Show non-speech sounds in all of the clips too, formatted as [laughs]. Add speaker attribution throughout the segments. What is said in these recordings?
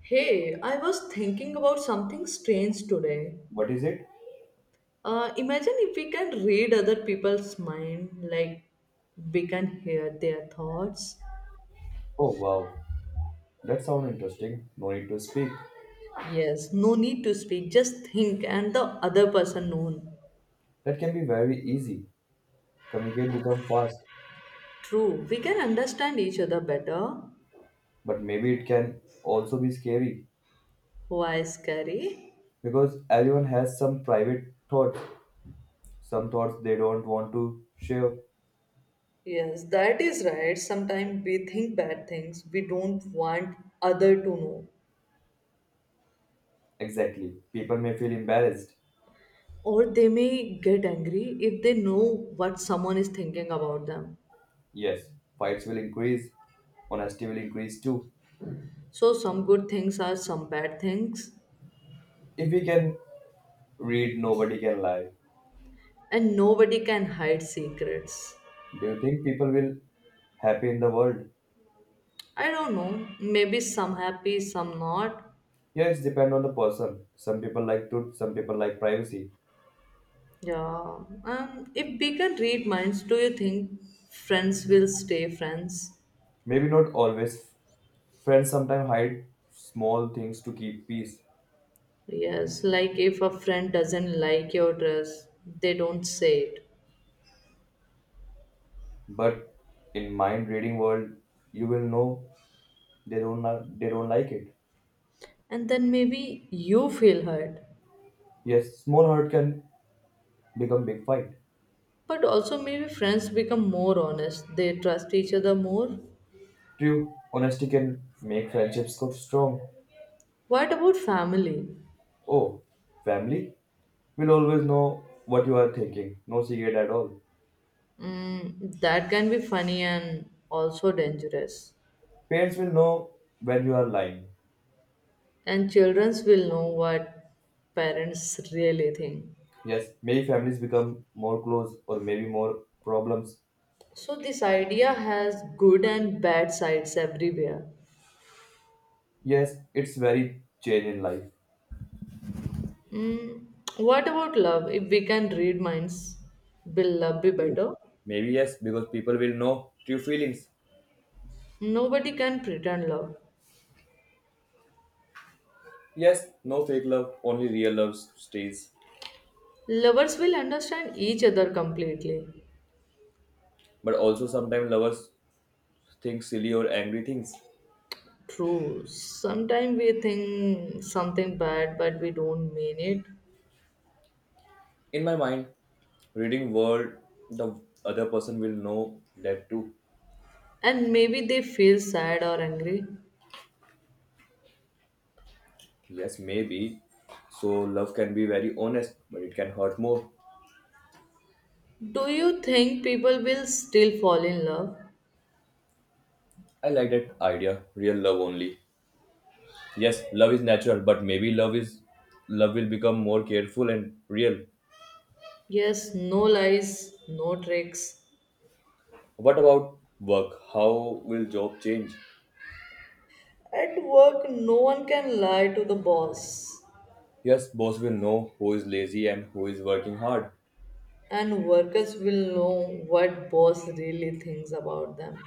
Speaker 1: Hey, I was thinking about something strange today.
Speaker 2: What is it?
Speaker 1: Imagine if we can read other people's mind, like we can hear their thoughts.
Speaker 2: Oh wow, that sounds interesting. No need to speak.
Speaker 1: Yes, no need to speak, just think, and the other person known.
Speaker 2: That can be very easy. Communicate become fast,
Speaker 1: True, we can understand each other better.
Speaker 2: but maybe it can also be scary
Speaker 1: Why scary?
Speaker 2: because everyone has some private thoughts, some thoughts they don't want to share.
Speaker 1: Yes, that is right. Sometimes we think bad things we don't want other to know.
Speaker 2: Exactly. People may feel embarrassed.
Speaker 1: Or they may get angry if they know what someone is thinking about them.
Speaker 2: Yes, fights will increase. Honesty will increase too.
Speaker 1: So some good things are some bad things,
Speaker 2: If we can read, nobody can lie.
Speaker 1: and nobody can hide secrets.
Speaker 2: Do you think people will happy in the world?
Speaker 1: I don't know, maybe some happy, some not.
Speaker 2: Yeah, it's depend on the person. Some people like truth, some people like privacy.
Speaker 1: Yeah. If we can read minds, do you think friends will stay friends?
Speaker 2: Maybe not always. Friends sometimes hide small things to keep peace,
Speaker 1: Yes, like if a friend doesn't like your dress, they don't say it.
Speaker 2: but in mind reading world, you will know they don't like it.
Speaker 1: And then maybe you feel hurt.
Speaker 2: Yes, small hurt can become big fight.
Speaker 1: But also, maybe friends become more honest, they trust each other more.
Speaker 2: True, honesty can make friendships go strong.
Speaker 1: What about family?
Speaker 2: Oh, family will always know what you are thinking. No secret at all.
Speaker 1: Mm, that can be funny and also dangerous.
Speaker 2: Parents will know when you are lying.
Speaker 1: And children will know what parents really think.
Speaker 2: Yes, maybe families become more close or maybe more problems.
Speaker 1: So, this idea has good and bad sides everywhere.
Speaker 2: Yes, it's very change in life.
Speaker 1: Mm, what about love? If we can read minds, will love be better?
Speaker 2: Maybe yes, because people will know true feelings.
Speaker 1: Nobody can pretend love.
Speaker 2: Yes, no fake love, only real love stays.
Speaker 1: Lovers will understand each other completely.
Speaker 2: But also sometimes lovers think silly or angry things.
Speaker 1: True. Sometimes we think something bad, but we don't mean it.
Speaker 2: In my mind, reading word, the other person will know that too.
Speaker 1: And maybe they feel sad or angry.
Speaker 2: Yes, maybe. So love can be very honest, but it can hurt more.
Speaker 1: Do you think people will still fall in love?
Speaker 2: I like that idea, real love only. Yes, love is natural, but maybe love is love will become more careful and real.
Speaker 1: Yes, no lies, no tricks.
Speaker 2: What about work? How will job change?
Speaker 1: At work, no one can lie to the boss,
Speaker 2: Yes, boss will know who is lazy and who is working hard.
Speaker 1: and workers will know what boss really thinks about them.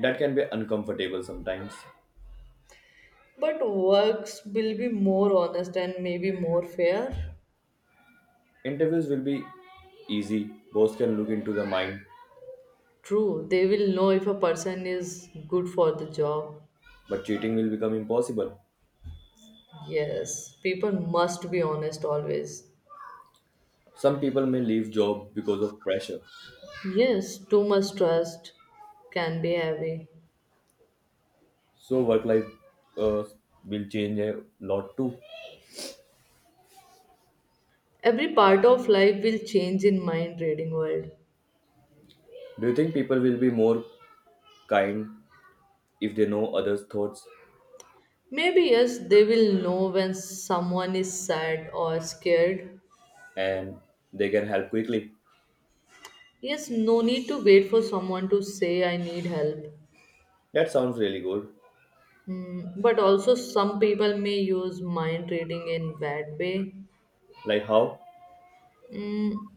Speaker 2: That can be uncomfortable sometimes.
Speaker 1: But works will be more honest and maybe more fair.
Speaker 2: Interviews will be easy, boss can look into the mind,
Speaker 1: True, they will know if a person is good for the job.
Speaker 2: but cheating will become impossible.
Speaker 1: Yes, people must be honest always.
Speaker 2: Some people may leave job because of pressure.
Speaker 1: Yes, too much trust can be heavy.
Speaker 2: So work life uh, will change a lot too.
Speaker 1: Every part of life will change in mind reading world.
Speaker 2: Do you think people will be more kind if they know others' thoughts
Speaker 1: Maybe yes, they will know when someone is sad or scared.
Speaker 2: and they can help quickly?
Speaker 1: Yes, no need to wait for someone to say I need help.
Speaker 2: That sounds really good.
Speaker 1: Mm, but also some people may use mind reading in bad way.
Speaker 2: Like how?
Speaker 1: Mm,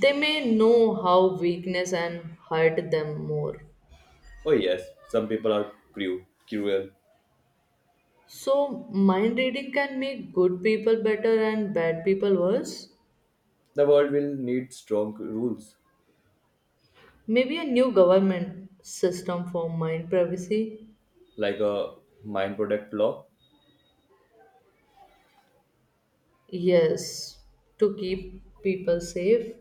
Speaker 1: they may know how weakness and hurt them more.
Speaker 2: Oh yes, some people are cruel.
Speaker 1: So mind reading can make good people better and bad people worse.
Speaker 2: The world will need strong rules,
Speaker 1: Maybe a new government system for mind privacy?
Speaker 2: like a mine product law.
Speaker 1: Yes, to keep people safe.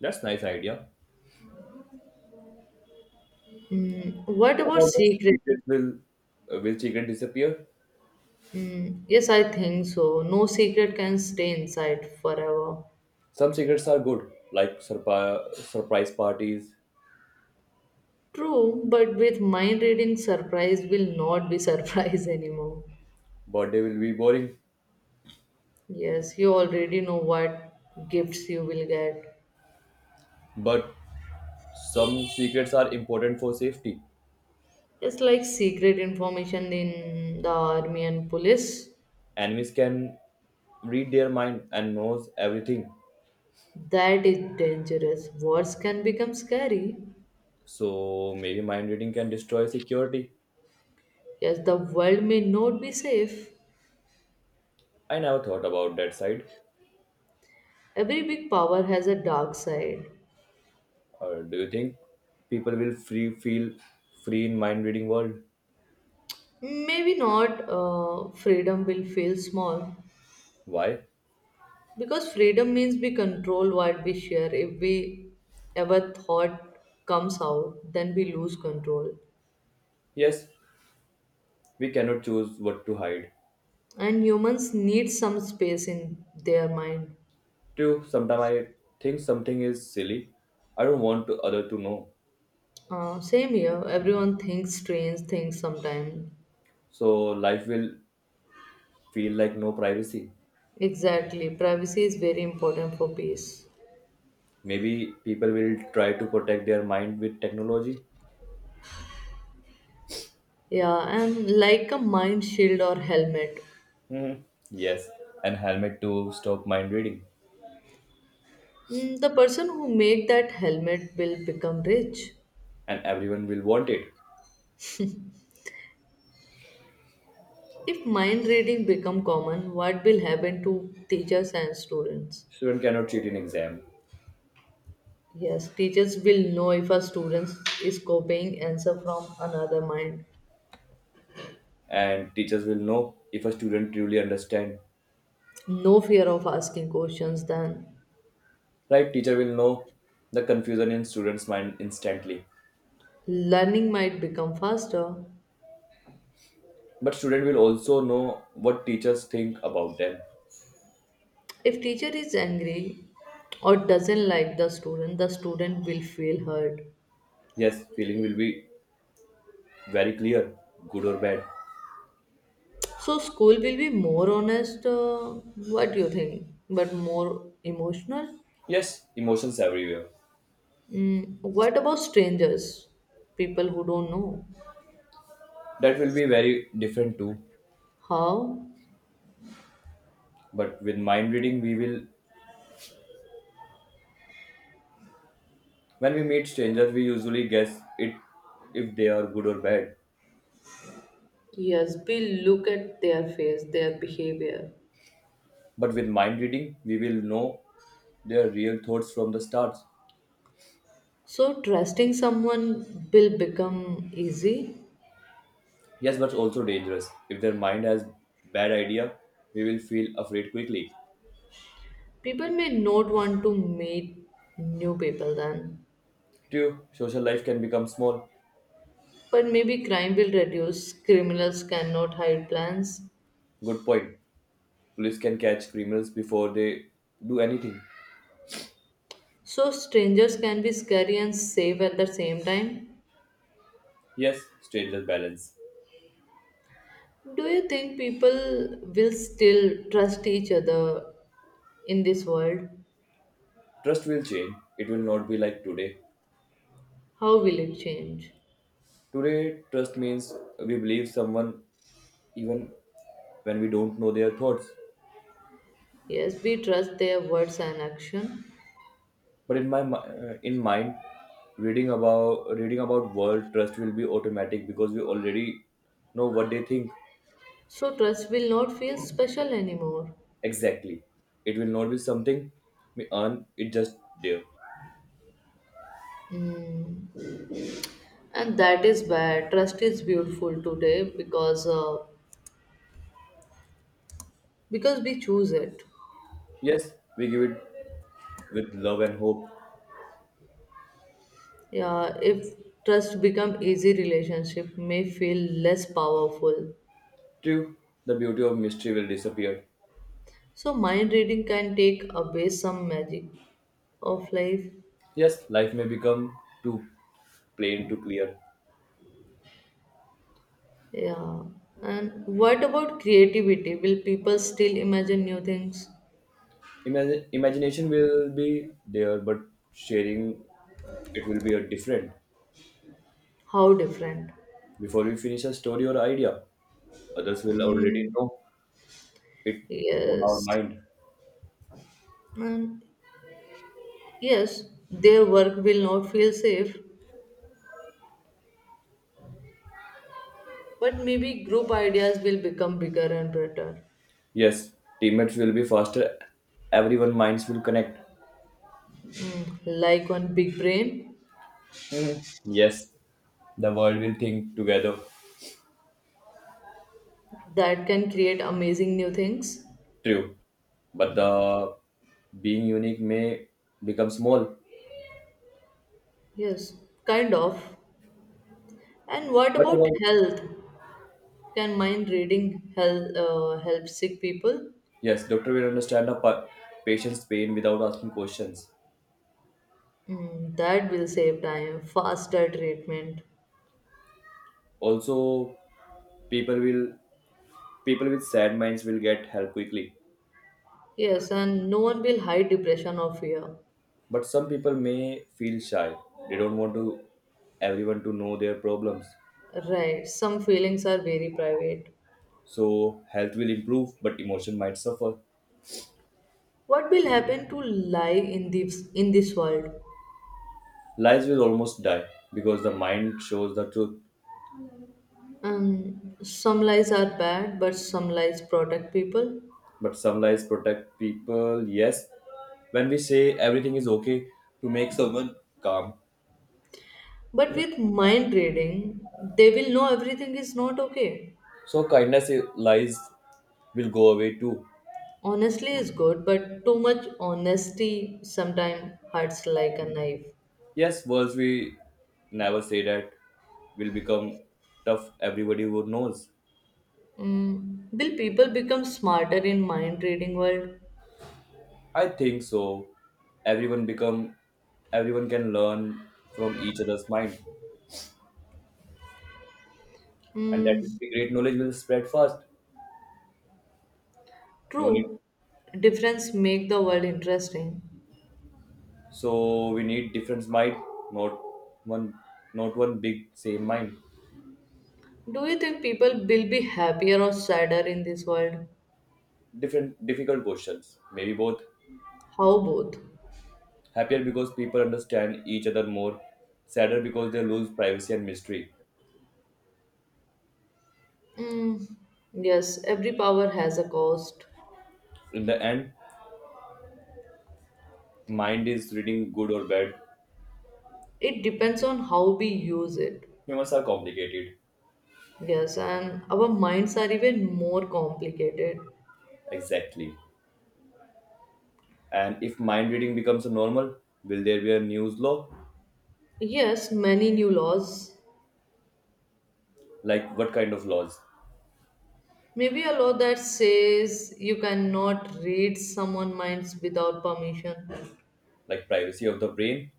Speaker 2: That's nice idea.
Speaker 1: Mm, what
Speaker 2: What
Speaker 1: about
Speaker 2: about the
Speaker 1: secret?
Speaker 2: secret will secret disappear?
Speaker 1: Mm, yes, I think so. No secret can stay inside forever.
Speaker 2: Some secrets are good, like surprise parties.
Speaker 1: True, but with mind reading, surprise will not be [laughs] surprise anymore.
Speaker 2: Birthday will be boring,
Speaker 1: Yes, you already know what gifts you will get.
Speaker 2: but some secrets are important for safety.
Speaker 1: It's like secret information in the army and police.
Speaker 2: Enemies can read their mind and knows everything.
Speaker 1: That is dangerous. Wars can become scary.
Speaker 2: So maybe mind reading can destroy security.
Speaker 1: Yes, the world may not be safe.
Speaker 2: I never thought about that side.
Speaker 1: Every big power has a dark side.
Speaker 2: Or do you think people will free feel free in mind reading world?
Speaker 1: Maybe not freedom will feel small.
Speaker 2: Why?
Speaker 1: Because freedom means we control what we share. If we ever thought comes out, then we lose control.
Speaker 2: Yes, we cannot choose what to hide.
Speaker 1: And humans need some space in their mind.
Speaker 2: True, sometimes I think something is silly. I don't want to other to know.
Speaker 1: Same here. Everyone thinks strange things sometimes.
Speaker 2: So life will feel like no privacy.
Speaker 1: Exactly. Privacy is very important for peace.
Speaker 2: Maybe people will try to protect their mind with technology.
Speaker 1: Yeah, and like a mind shield or helmet,
Speaker 2: Hmm. Yes, and helmet to stop mind reading.
Speaker 1: mm, the person who make that helmet will become rich.
Speaker 2: And everyone will want it.
Speaker 1: If mind reading become common, what will happen to teachers and students?
Speaker 2: Student cannot cheat in exam,
Speaker 1: Yes, teachers will know if a student is copying answer from another mind.
Speaker 2: and teachers will know if a student truly understand.
Speaker 1: No fear of asking questions then.
Speaker 2: Right, teacher will know the confusion in students' mind instantly.
Speaker 1: Learning might become faster.
Speaker 2: But student will also know what teachers think about them.
Speaker 1: If teacher is angry or doesn't like the student will feel hurt.
Speaker 2: Yes, feeling will be very clear, good or bad.
Speaker 1: So school will be more honest. What do you think? But more emotional.
Speaker 2: Yes, emotions everywhere.
Speaker 1: Mm, what about strangers, people who don't know?
Speaker 2: That will be very different too.
Speaker 1: How?
Speaker 2: But with mind reading we will When we meet strangers we usually guess it if they are good or bad.
Speaker 1: Yes, we look at their face, their behavior.
Speaker 2: But with mind reading we will know their real thoughts from the start.
Speaker 1: So trusting someone will become easy.
Speaker 2: Yes, but also dangerous. If their mind has bad idea, we will feel afraid quickly.
Speaker 1: People may not want to meet new people then,
Speaker 2: True, social life can become small.
Speaker 1: but maybe crime will reduce. Criminals cannot hide plans.
Speaker 2: Good point. Police can catch criminals before they do anything.
Speaker 1: So strangers can be scary and safe at the same time.
Speaker 2: Yes, stranger balance.
Speaker 1: Do you think people will still trust each other in this world?
Speaker 2: Trust will change. It will not be like today.
Speaker 1: How will it change?
Speaker 2: Today, trust means we believe someone even when we don't know their thoughts.
Speaker 1: Yes, we trust their words and action.
Speaker 2: But in mind, reading about world trust will be automatic because we already know what they think.
Speaker 1: So trust will not feel special anymore.
Speaker 2: Exactly. It will not be something we earn, it just there.
Speaker 1: Mm. And that is bad. Trust is beautiful today because we choose it.
Speaker 2: Yes, we give it with love and hope.
Speaker 1: Yeah, if trust become easy, relationship may feel less powerful.
Speaker 2: True, the beauty of mystery will disappear.
Speaker 1: So mind reading can take away some magic of life.
Speaker 2: Yes, life may become too plain to clear.
Speaker 1: Yeah. And what about creativity? Will people still imagine new things?
Speaker 2: Imagination will be there, but sharing it will be a different.
Speaker 1: How different?
Speaker 2: Before we finish a story or idea, others will already
Speaker 1: Mm,
Speaker 2: know it from our
Speaker 1: yes.
Speaker 2: mind.
Speaker 1: And yes, their work will not feel safe, but maybe group ideas will become bigger and better.
Speaker 2: Yes, teammates will be faster. Everyone minds will connect.
Speaker 1: Mm, like on Big Brain,
Speaker 2: Mhm. Yes, the world will think together.
Speaker 1: that can create amazing new things.
Speaker 2: True, but the being unique may become small.
Speaker 1: Yes, kind of. And what
Speaker 2: What
Speaker 1: about
Speaker 2: about
Speaker 1: health? Can mind reading help, help sick people?
Speaker 2: yes, doctor will understand a patient's pain without asking questions.
Speaker 1: Mm, that will save time, faster treatment.
Speaker 2: Also, people will people with sad minds will get help quickly.
Speaker 1: Yes, and no one will hide depression or fear.
Speaker 2: But some people may feel shy. They don't want to everyone to know their problems.
Speaker 1: Right, some feelings are very private.
Speaker 2: So health will improve, but emotion might suffer.
Speaker 1: What will happen to lie in this world?
Speaker 2: Lives will almost die because the mind shows the truth.
Speaker 1: Some lies are bad, but some lies protect people.
Speaker 2: But some lies protect people, yes, when we say everything is okay to make someone calm.
Speaker 1: But with mind reading, they will know everything is not okay.
Speaker 2: So lies will go away too.
Speaker 1: Honestly is good, but too much honesty sometimes hurts like a knife.
Speaker 2: Yes, words we never say that will become tough everybody who knows.
Speaker 1: Mm, will people become smarter in mind reading world?
Speaker 2: I think so. everyone become Everyone can learn from each other's mind, and that
Speaker 1: Mm,
Speaker 2: will be great. Knowledge will spread fast, no need.
Speaker 1: true. Difference make the world interesting.
Speaker 2: So we need different mind, not one, not one big same mind.
Speaker 1: Do you think people will be happier or sadder in this world?
Speaker 2: Different difficult questions, maybe both.
Speaker 1: How both?
Speaker 2: Happier because people understand each other more, sadder because they lose privacy and mystery.
Speaker 1: Mm, yes, every power has a cost.
Speaker 2: In the end, mind is reading good or bad.
Speaker 1: It depends on how we use it.
Speaker 2: Humans are complicated.
Speaker 1: Yes, and our minds are even more complicated.
Speaker 2: Exactly. And if mind reading becomes normal, will there be a news law?
Speaker 1: Yes, many new laws,
Speaker 2: Like what kind of laws?
Speaker 1: maybe a law that says you cannot read someone's minds without permission.
Speaker 2: Like privacy of the brain,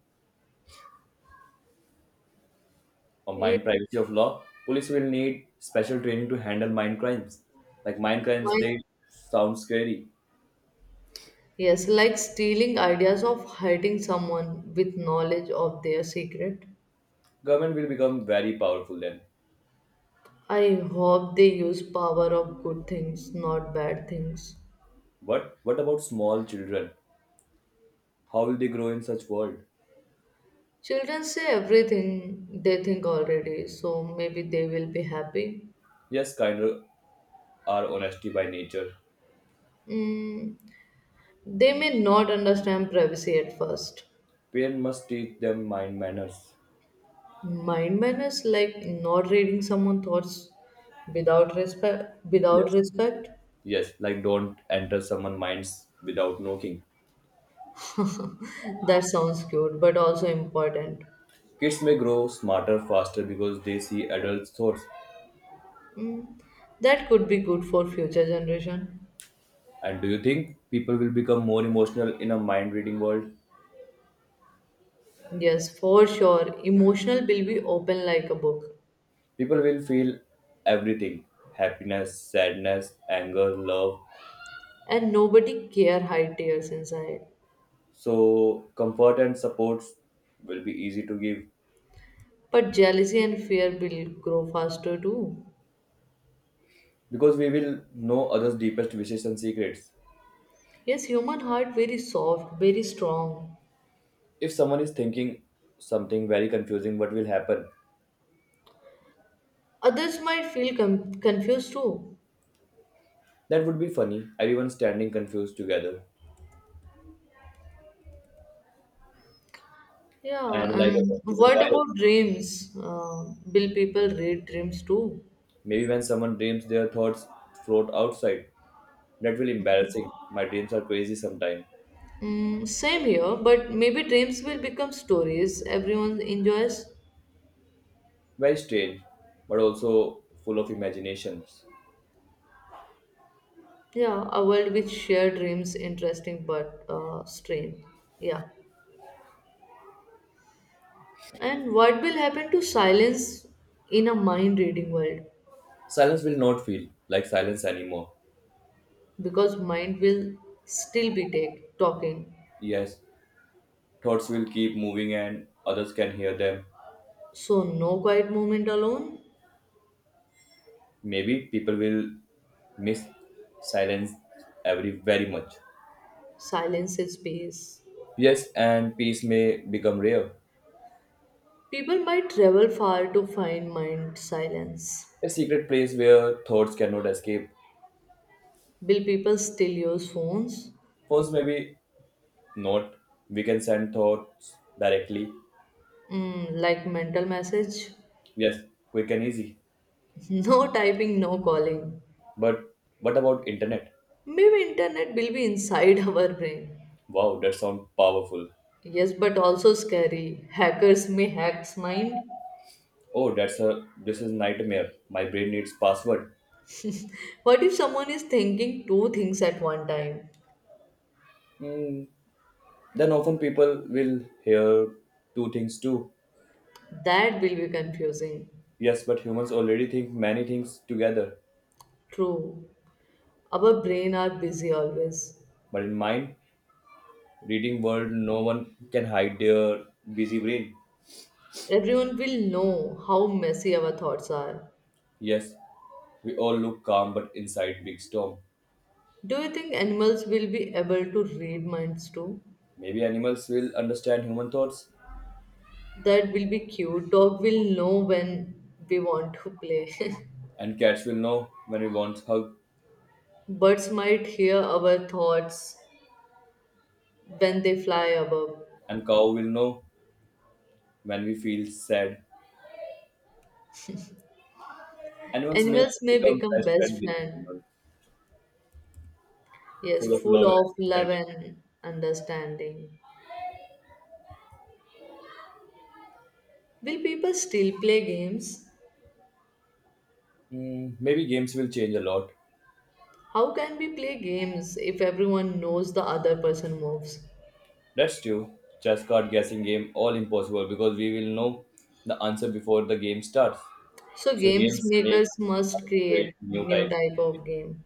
Speaker 2: or
Speaker 1: It
Speaker 2: mind privacy of law. Police will need special training to handle mind crimes, like mind crimes. They
Speaker 1: might,
Speaker 2: sound scary.
Speaker 1: yes, like stealing ideas of hurting someone with knowledge of their secret.
Speaker 2: Government will become very powerful then.
Speaker 1: I hope they use power of good things, not bad things.
Speaker 2: But what about small children? How will they grow in such world?
Speaker 1: Children say everything they think already, so maybe they will be happy.
Speaker 2: Yes, kinder are honesty by nature.
Speaker 1: Mm, they may not understand privacy at first.
Speaker 2: Parents must teach them mind manners.
Speaker 1: Mind manners like not reading someone's thoughts without respect. Without
Speaker 2: Yes.
Speaker 1: respect,
Speaker 2: Yes, like don't enter someone's minds without knocking.
Speaker 1: that sounds cute, but also important.
Speaker 2: Kids may grow smarter faster because they see adults' thoughts.
Speaker 1: Mm, that could be good for future generation.
Speaker 2: And do you think people will become more emotional in a mind reading world?
Speaker 1: Yes, for sure. Emotional will be open like a book,
Speaker 2: People will feel everything, happiness, sadness, anger, love.
Speaker 1: and nobody care hide tears inside.
Speaker 2: So, comfort and support will be easy to give.
Speaker 1: But jealousy and fear will grow faster too.
Speaker 2: Because we will know others' deepest wishes and secrets.
Speaker 1: Yes, human heart very soft, very strong.
Speaker 2: If someone is thinking something very confusing, what will happen?
Speaker 1: Others might feel confused too.
Speaker 2: That would be funny. Everyone standing confused together
Speaker 1: Yeah,
Speaker 2: and like a
Speaker 1: and
Speaker 2: computer
Speaker 1: what
Speaker 2: virus.
Speaker 1: about dreams? Will people read dreams too?
Speaker 2: Maybe when someone dreams, their thoughts float outside. That will embarrassing. My dreams are crazy sometimes,
Speaker 1: Mm, same here, but maybe dreams will become stories everyone enjoys.
Speaker 2: very strange, but also full of imaginations.
Speaker 1: Yeah, a world with shared dreams, interesting but strange. Yeah. And what will happen to silence in a mind reading world?
Speaker 2: Silence will not feel like silence anymore.
Speaker 1: Because mind will talking.
Speaker 2: Yes, thoughts will keep moving and others can hear them.
Speaker 1: So, no quiet moment alone,
Speaker 2: Maybe people will miss silence every very much.
Speaker 1: silence is peace.
Speaker 2: Yes, and peace may become rare.
Speaker 1: People might travel far to find mind silence.
Speaker 2: A secret place where thoughts cannot escape.
Speaker 1: Will people still use phones?
Speaker 2: Phones maybe not. We can send thoughts directly.
Speaker 1: Mm, like mental message?
Speaker 2: Yes, quick and easy.
Speaker 1: [laughs] No typing, no calling.
Speaker 2: But what about internet?
Speaker 1: Maybe internet will be inside [laughs] our brain.
Speaker 2: Wow, that sounds powerful.
Speaker 1: Yes, but also scary. Hackers may hack mind.
Speaker 2: Oh, that's a this is nightmare. My brain needs password.
Speaker 1: What if someone is thinking two things at one time?
Speaker 2: Hmm. Then often people will hear two things too.
Speaker 1: That will be confusing.
Speaker 2: Yes, but humans already think many things together.
Speaker 1: True. Our brain are busy always.
Speaker 2: But in mind, reading world, no one can hide their busy brain.
Speaker 1: Everyone will know how messy our thoughts are.
Speaker 2: Yes, we all look calm, but inside big storm.
Speaker 1: Do you think animals will be able to read minds too?
Speaker 2: Maybe animals will understand human thoughts,
Speaker 1: That will be cute. Dog will know when we want to play. [laughs]
Speaker 2: and cats will know when we want hug,
Speaker 1: Birds might hear our thoughts when they fly above.
Speaker 2: and cow will know when we feel sad. Animals may
Speaker 1: Animals may
Speaker 2: become
Speaker 1: become
Speaker 2: best
Speaker 1: best
Speaker 2: friends with
Speaker 1: friend.
Speaker 2: humans, full
Speaker 1: Yes,
Speaker 2: of
Speaker 1: full
Speaker 2: love
Speaker 1: of
Speaker 2: and
Speaker 1: love
Speaker 2: understanding.
Speaker 1: and understanding. Will people still play games?
Speaker 2: Hmm, maybe games will change a lot.
Speaker 1: How can we play games if everyone knows the other person moves?
Speaker 2: That's true. Chess card guessing game all impossible because we will know the answer before the game starts.
Speaker 1: So
Speaker 2: So
Speaker 1: games
Speaker 2: games make
Speaker 1: makers
Speaker 2: us
Speaker 1: must
Speaker 2: build
Speaker 1: create
Speaker 2: new
Speaker 1: new
Speaker 2: types of
Speaker 1: type of
Speaker 2: creativity.
Speaker 1: game.